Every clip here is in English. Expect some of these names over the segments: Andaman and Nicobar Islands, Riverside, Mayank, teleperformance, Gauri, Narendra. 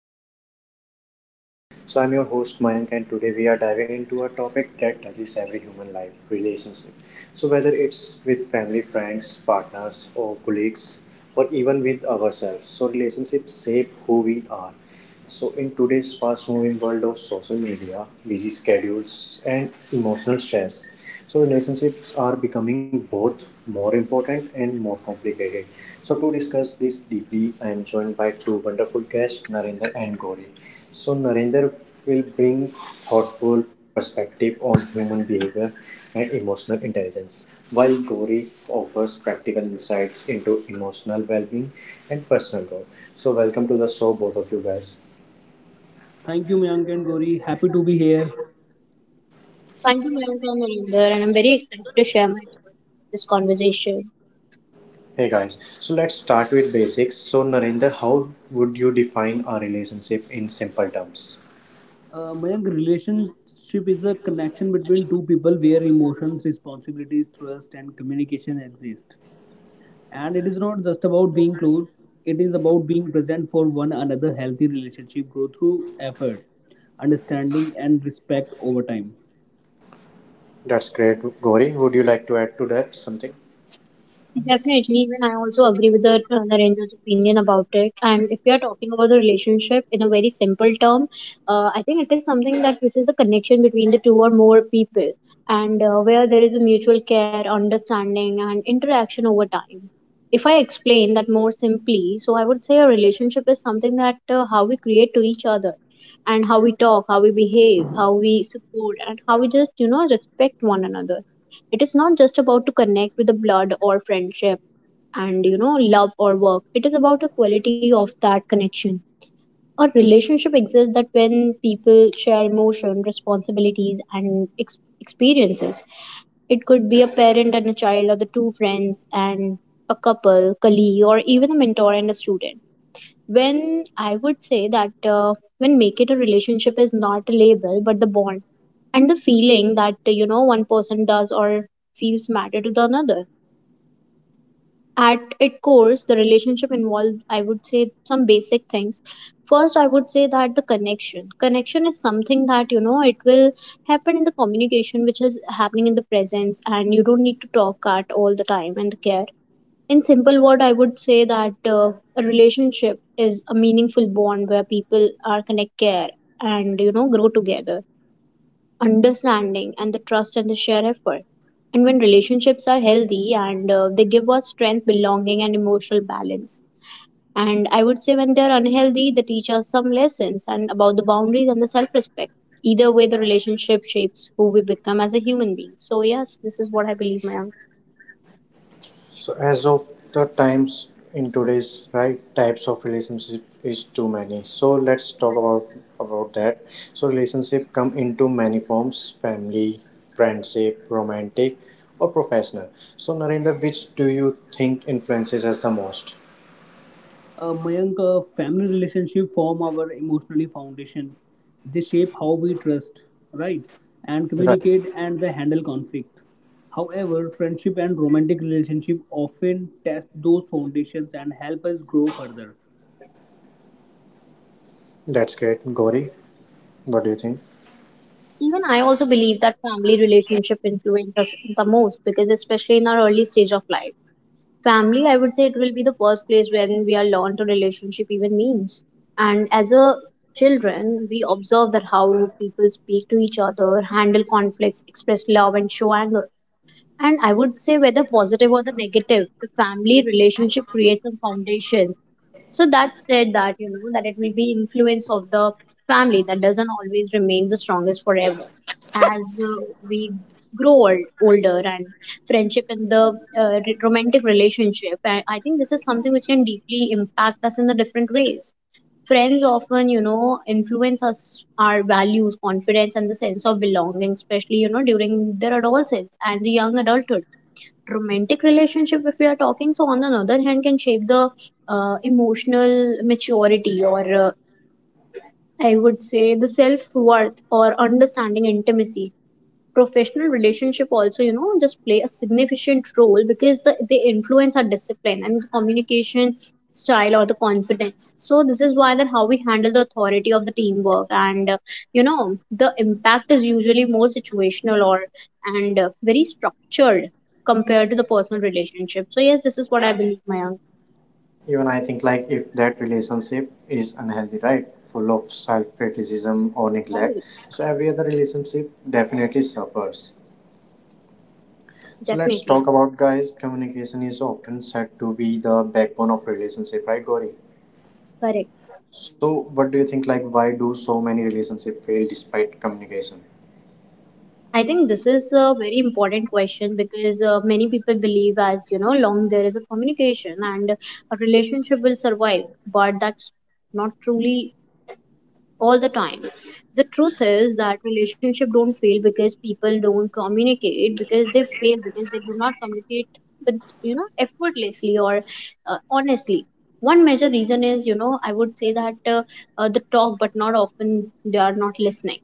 of our podcast Riverside. So I'm your host Mayank, and today we are diving into a topic that touches every human life relationship. So whether it's with family, friends, partners, or colleagues, or even with ourselves, so relationships shape who we are. So in today's fast moving world of social media, busy schedules, and emotional stress, so relationships are becoming both more important and more complicated. So to discuss this deeply, I am joined by two wonderful guests, Narendra and Gauri. So Narendra will bring thoughtful perspective on human behavior and emotional intelligence, while Gauri offers practical insights into emotional well-being and personal growth. So welcome to the show, both of you guys. Thank you, Mayank and Gauri. Happy to be here. Thank you, Mayank and Narinder, and I'm very excited to share my thoughts on this conversation. Hey guys, so let's start with basics. So Narendra, how would you define a relationship in simple terms? Mayank, relationship is a connection between two people where emotions, responsibilities, trust, and communication exist. And it is not just about being close, it is about being present for one another. Healthy relationship grow through effort, understanding, and respect over time. That's great. Gauri, would you like to add to that something? Definitely, even I also agree with the Narendra's opinion about it. And if you are talking about the relationship in a very simple term, I think it is something that which is the connection between the two or more people, and where there is a mutual care, understanding, and interaction over time. If I explain that more simply, so I would say a relationship is something that how we create to each other, and how we talk, how we behave, how we support, and how we just you know respect one another. It is not just about to connect with the blood or friendship and you know love or work. It is about a quality of that connection. A relationship exists that when people share emotion responsibilities and experiences. It could be a parent and a child or the two friends and a couple colleague or even a mentor and a student. When I would say that when make it, a relationship is not a label but the bond and the feeling that you know one person does or feels matter to the another. At its core the relationship involved, I would say, some basic things. First, I would say that the connection is something that you know it will happen in the communication which is happening in the presence, and you don't need to talk at all the time, and the care. In simple word, I would say that a relationship is a meaningful bond where people are connect, care, and you know grow together, understanding and the trust and the shared effort. And when relationships are healthy and they give us strength, belonging, and emotional balance. And I would say when they're unhealthy, they teach us some lessons and about the boundaries and the self respect. Either way, the relationship shapes who we become as a human being. So, yes, this is what I believe, ma'am. So as of the times in today's right, types of relationship is too many. So let's talk about that. So relationship come into many forms: family, friendship, romantic, or professional. So Narendra, which do you think influences us the most? Mayank, family relationship form our emotionally foundation. They shape how we trust, right, and Right. communicate and they handle conflict. However, friendship and romantic relationship often test those foundations and help us grow further. That's great. Gauri, what do you think? Even I also believe that family relationship influences us the most because, especially in our early stage of life, family, I would say, it will be the first place when we are learned to relationship even means. And as a children, we observe that how people speak to each other, handle conflicts, express love, and show anger. And I would say whether positive or the negative, the family relationship creates a foundation. So that said that, you know, that it will be influence of the family that doesn't always remain the strongest forever. As we grow old, older, and friendship in the romantic relationship, I think this is something which can deeply impact us in the different ways. Friends often, you know, influence us, our values, confidence, and the sense of belonging, especially, you know, during their adolescence and the young adulthood. Romantic relationship, if we are talking, so on the other hand can shape the emotional maturity or I would say the self worth or understanding intimacy. Professional relationship also you know just play a significant role because they influence our discipline and communication style or the confidence, so this is why that how we handle the authority of the teamwork and you know the impact is usually more situational or and very structured compared to the personal relationship. So yes, this is what I believe, my. Even I think like if that relationship is unhealthy, right? Full of self-criticism or Right. neglect. So every other relationship definitely suffers. So let's Definitely. talk about, guys. Communication is often said to be the backbone of relationship, right, Gauri? Correct. So what do you think, like why do so many relationships fail despite communication? I think this is a very important question because many people believe, as you know, long there is a communication and a relationship will survive, but that's not truly all the time. The truth is that relationship don't fail because people don't communicate, because they fail because they do not communicate with you know effortlessly or honestly. One major reason is you know I would say that the talk, but not often they are not listening.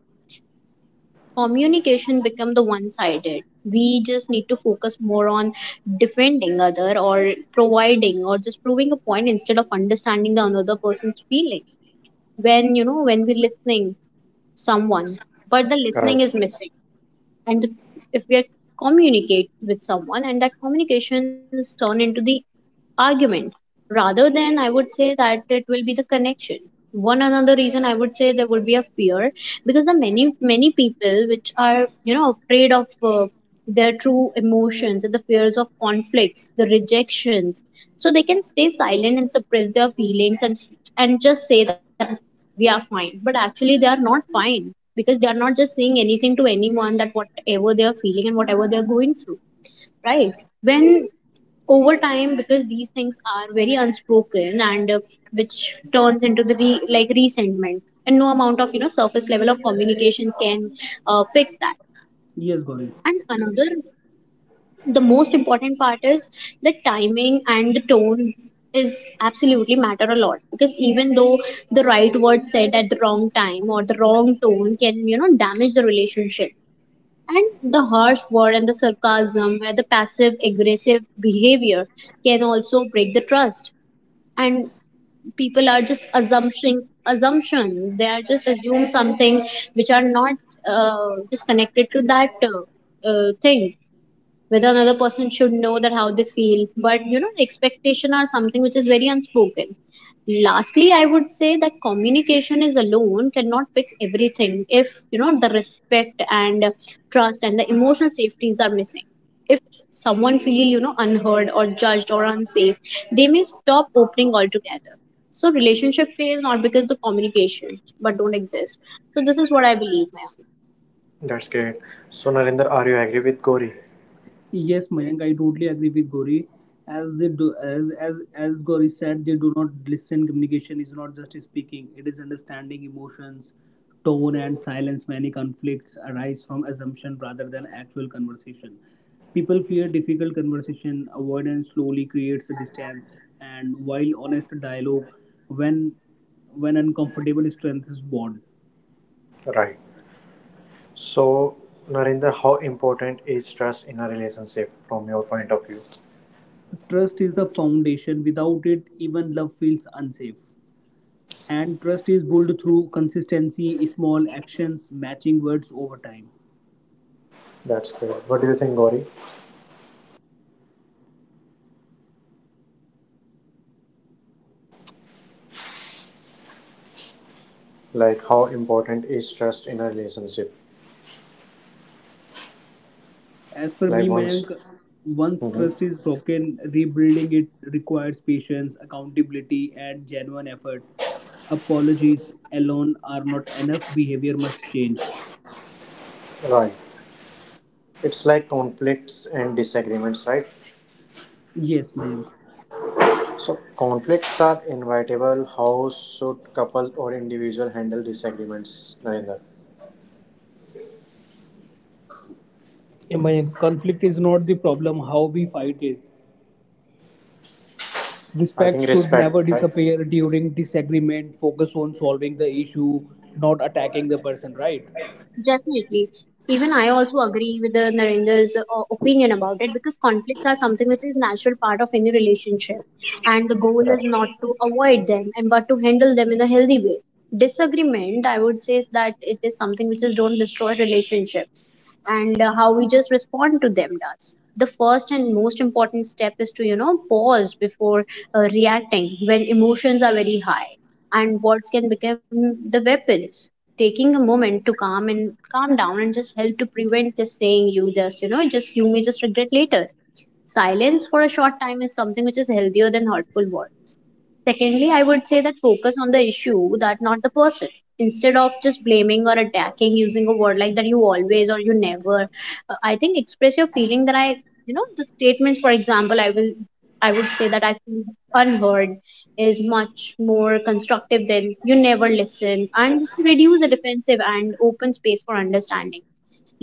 Communication become the one sided. We just need to focus more on defending other or providing or just proving a point instead of understanding the another person's feeling. When you know when we're listening someone but the listening Right. is missing, and if we are communicate with someone and that communication is turned into the argument rather than I would say that it will be the connection. One another reason, I would say there would be a fear, because the many people which are you know afraid of their true emotions and the fears of conflicts, the rejections. So they can stay silent and suppress their feelings and just say that we are fine. But actually they are not fine because they are not just saying anything to anyone that whatever they are feeling and whatever they are going through. Right. When over time because these things are very unspoken and which turns into the like resentment, and no amount of you know surface level of communication can fix that. Yes, Gauri. And another, the most important part is the timing and the tone is absolutely matter a lot, because even though the right word said at the wrong time or the wrong tone can you know damage the relationship. And the harsh word and the sarcasm and the passive aggressive behavior can also break the trust. And people are just assumption they are just assume something which are not just connected to that thing, whether another person should know that how they feel, but you know expectation are something which is very unspoken. Lastly, I would say that communication is alone cannot fix everything if you know the respect and trust and the emotional safeties are missing. If someone feel you know unheard or judged or unsafe, they may stop opening altogether. So relationship fail not because the communication but don't exist. So this is what I believe, ma'am. That's great. So Narinder, are you agree with Gauri? Yes, Mayank, I totally agree with Gauri. As Gauri said, they do not listen. Communication is not just speaking; it is understanding emotions, tone, and silence. Many conflicts arise from assumption rather than actual conversation. People fear difficult conversation. Avoidance slowly creates distance, and while honest dialogue, when when uncomfortable, strength is born. Right. So Narinder, how important is trust in a relationship from your point of view? Trust is the foundation. Without it, even love feels unsafe. And trust is built through consistency, small actions, matching words over time. That's great. What do you think, Gauri? Like, how important is trust in a relationship? As per Like, me, once, Mayank, once mhm, trust is broken, rebuilding it requires patience, accountability, and genuine effort. Apologies alone are not enough, behavior must change. right? It's like conflicts and disagreements, right? Yes, Mayank. So, conflicts are inevitable. How should couple or individual handle disagreements, Narendra? Yeah, Mayank, conflict is not the problem, how we fight it. I Respect think should respect, never right? disappear during disagreement. Focus on solving the issue, not attacking the person, right? Definitely. Even I also agree with the Narendra's opinion about it, because conflicts are something which is natural part of any relationship, and the goal is Right. not to avoid them and but to handle them in a healthy way. Disagreement, I would say, is that it is something which is don't destroy relationship, and how we just respond to them does. The first and most important step is to you know pause before reacting when emotions are very high and words can become the weapons. Taking a moment to calm and calm down and just help to prevent this saying you just you know just you may just regret later. Silence for a short time is something which is healthier than hurtful words. Secondly, I would say that focus on the issue that not the person. Instead of just blaming or attacking using a word like that, you always or you never. I think express your feeling that I, you know, the statements, for example, I will, I would say that I feel unheard is much more constructive than you never listen, and this reduce the defensive and open space for understanding.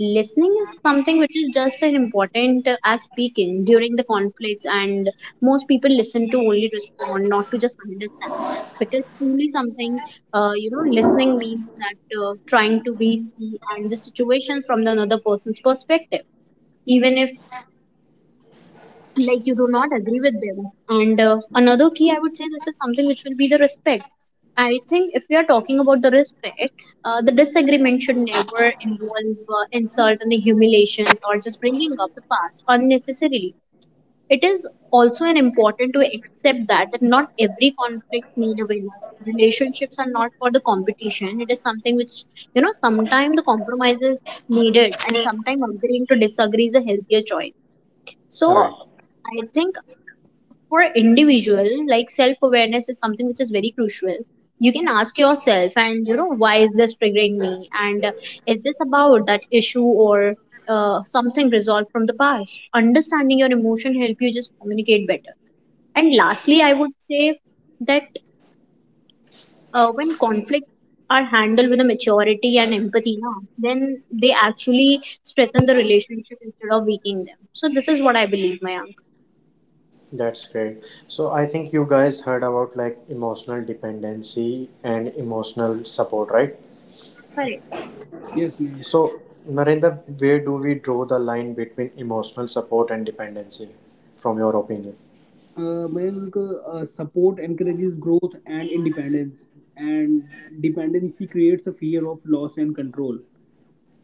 Listening is something which is just as important as speaking during the conflicts, and most people listen to only respond, not to just understand, because truly something you know listening means that trying to be see and the situation from the another person's perspective, even if like you do not agree with them. And another key, I would say, this is something which will be the respect. I think if we are talking about the respect, the disagreement should never involve insult and the humiliations or just bringing up the past unnecessarily. It is also an important to accept that, that not every conflict need a winner. Relationships are not for the competition. It is something which you know sometimes the compromise is needed, and sometimes agreeing to disagree is a healthier choice. So Right. I think for an individual, like self awareness is something which is very crucial. You can ask yourself and you know why is this triggering me, and is this about that issue or something resolved from the past. Understanding your emotion help you just communicate better. And lastly, I would say that when conflict are handled with a maturity and empathy now, then they actually strengthen the relationship instead of weakening them. So this is what I believe, my uncle. That's great. So I think you guys heard about like emotional dependency and emotional support, right? Correct. Yes, Mayank. So Narendra, where do we draw the line between emotional support and dependency, from your opinion? Mayank, support encourages growth and independence, and dependency creates a fear of loss and control.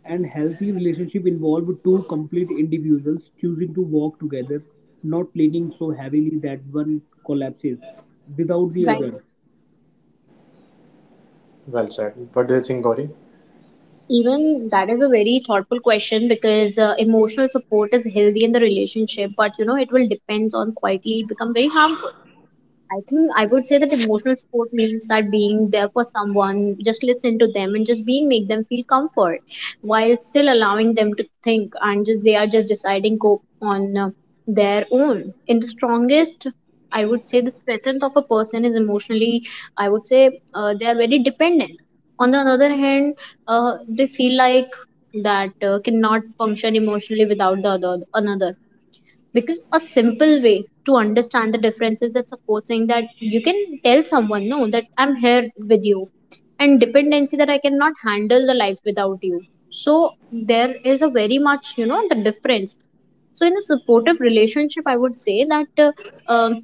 And healthy relationship involve two complete individuals choosing to walk together, not leaning so heavily that one collapses without the Right. other. Well said. What do you think, Gauri? Even that is a very thoughtful question because emotional support is healthy in the relationship, but you know it will depends on quietly become very harmful. I think I would say that emotional support means that being there for someone, just listen to them and just being make them feel comfort, while still allowing them to think and just they are just deciding go on their own. In the strongest, I would say the strength of a person is emotionally, I would say they are very dependent. On the other hand, they feel like that cannot function emotionally without the other another, because a simple way to understand the differences that supposing that you can tell someone no that I'm here with you, and dependency that I cannot handle the life without you. So there is a very much the difference. So in a supportive relationship I would say that um,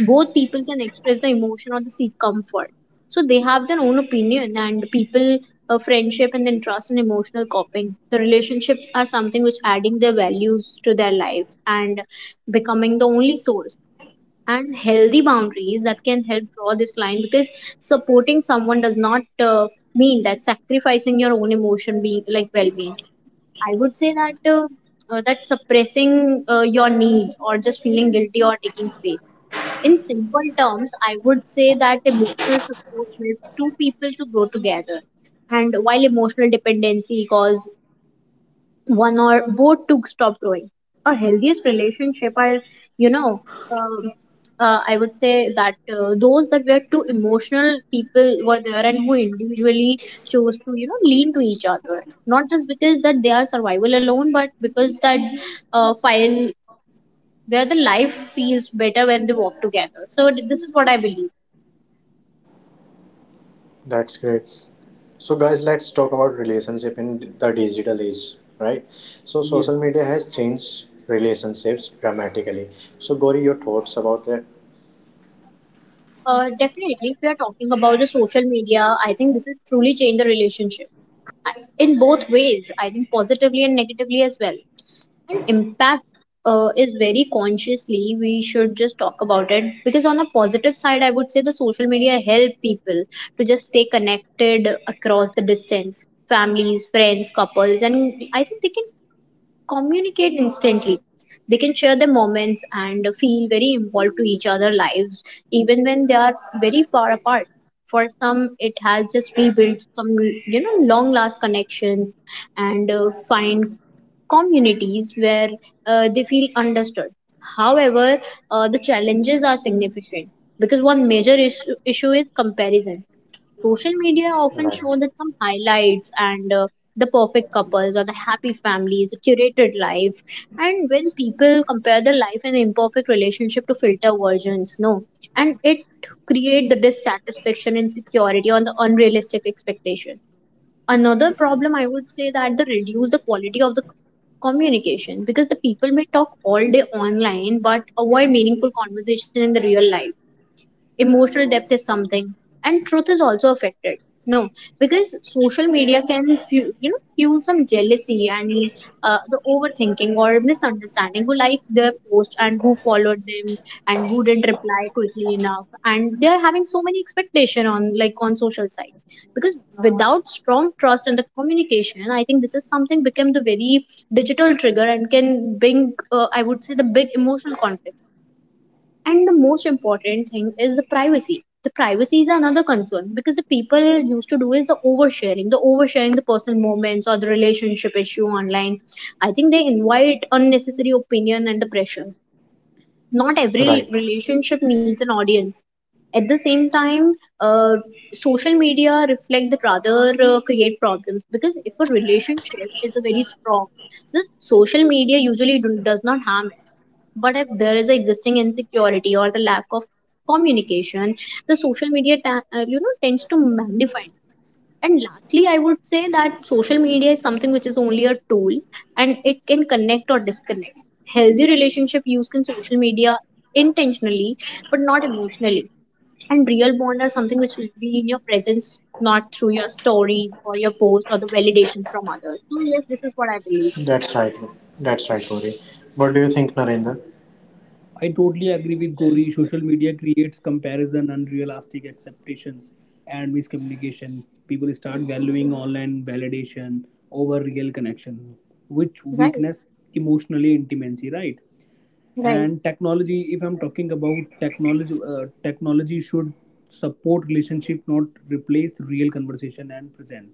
both people can express the emotion or the seek comfort, so they have their own opinion and people, friendship and then trust and emotional coping, the relationships are something which adding their values to their life and becoming the only source. And healthy boundaries that can help draw this line, because supporting someone does not mean that sacrificing your own emotion being like well-being. I would say that that suppressing your needs or just feeling guilty or taking space. In simple terms, I would say that emotional support helps two people to grow together, and while emotional dependency causes one or both to stop growing. A healthiest relationship are, you know, um, I would say that those that were too emotional people were there and who individually chose to, lean to each other. Not just because that they are survival alone, but because that file where the life feels better when they walk together. So this is what I believe. That's great. So guys, let's talk about relationship in the digital age, right? So Yes. social media has changed relationships dramatically. So Gauri, your thoughts about that? Definitely, if we are talking about the social media, I think this has truly changed the relationship in both ways. I think positively and negatively as well. And impact is very consciously we should just talk about it, because on a positive side, I would say the social media help people to just stay connected across the distance, families, friends, couples, and I think they can communicate instantly, they can share their moments and feel very involved to each other lives even when they are very far apart. For some it has just rebuilt some, long last connections and find communities where they feel understood. However, the challenges are significant because one major issue is comparison. Social media often Right. show that some highlights and, the perfect couples or the happy families, the curated life. And when people compare their life and imperfect relationship to filter versions, no, and it create the dissatisfaction, insecurity on the unrealistic expectation. Another problem I would say that the reduce the quality of the communication, because the people may talk all day online but avoid meaningful conversation in the real life. Emotional depth is something and truth is also affected, no, because social media can fuel some jealousy and the overthinking or misunderstanding, who liked their post and who followed them and who didn't reply quickly enough, and they're having so many expectation on like on social sites. Because without strong trust and the communication, I think this is something became the very digital trigger and can bring, I would say, the big emotional conflict. And the most important thing is the privacy. The privacy is another concern because the people used to do is the oversharing the personal moments or the relationship issue online. I think they invite unnecessary opinion and the pressure. Not every Right. relationship needs an audience. At the same time, uh, social media reflect that rather create problems, because if a relationship is very strong, the social media usually does not harm. But if there is an existing insecurity or the lack of communication, the social media tends to magnify it. And lastly I would say that social media is something which is only a tool, and it can connect or disconnect. Healthy relationship use can social media intentionally but not emotionally, and real bond are something which will be in your presence, not through your stories or your posts or the validation from others. So yes, this is what I believe. That's right. That's right, Gauri. What do you think, Narendra? I totally agree with Gauri. Social media creates comparison, unrealistic expectations, and miscommunication. People start valuing online validation over real connection, which Right. weakness emotionally intimacy, right? Right. And technology, if I'm talking about technology, technology should support relationship, not replace real conversation and presence.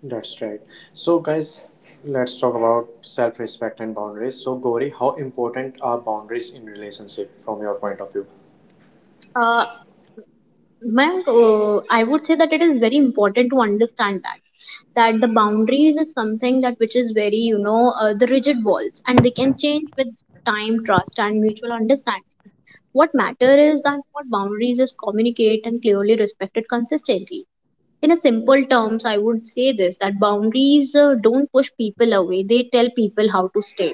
That's right. So guys, let's talk about self respect and boundaries. So Gauri, how important are boundaries in relationship from your point of view? Uh, Mayank, I would say that it is very important to understand that that the boundaries is something that which is very the rigid walls, and they can change with time, trust, and mutual understanding. What matter is that what boundaries is communicate and clearly respected consistently. In a simple terms, I would say this that boundaries don't push people away; they tell people how to stay.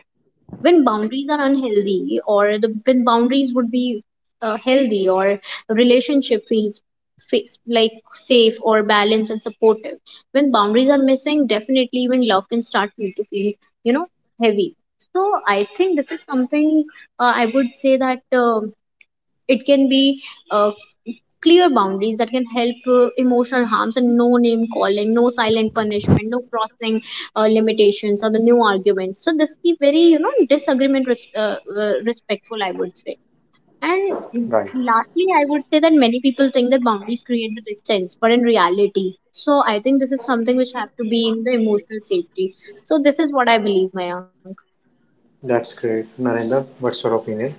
When boundaries are unhealthy, or the when boundaries would be healthy, or relationship feels like safe or balanced and supportive. When boundaries are missing, definitely even love can start feel to feel, you know heavy. So I think this is something, I would say that it can be uh, clear boundaries that can help emotional harms, and no name calling, no silent punishment, no crossing limitations or the new arguments, so this keep very respectful, I would say. And Right. lastly I would say that many people think that boundaries create the distance, but in reality, so I think this is something which have to be in the emotional safety. So this is what I believe, Mayank. That's great. Narendra, what's your opinion?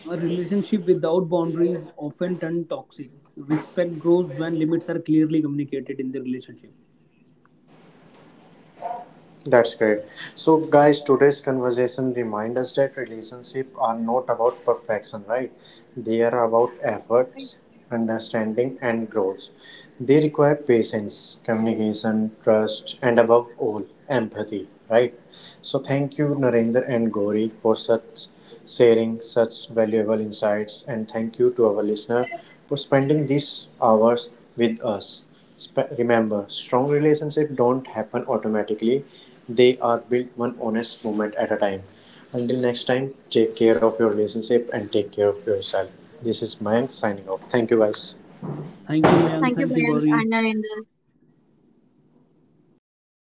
A relationship without boundaries often turn toxic. Respect grows when limits are clearly communicated in the relationship. That's great. So guys, today's conversation reminds us that relationships are not about perfection, right? They are about efforts, understanding, and growth. They require patience, communication, trust, and above all, empathy, right? So thank you, Narendra and Gauri, for such sharing such valuable insights, and thank you to our listener for spending these hours with us. Remember, strong relationships don't happen automatically. They are built one honest moment at a time. Until next time, take care of your relationship and take care of yourself. This is Mayank signing off. Thank you guys. Thank you, Mayank. Thank you, Thank you, Mayank Gauri. and Narendra.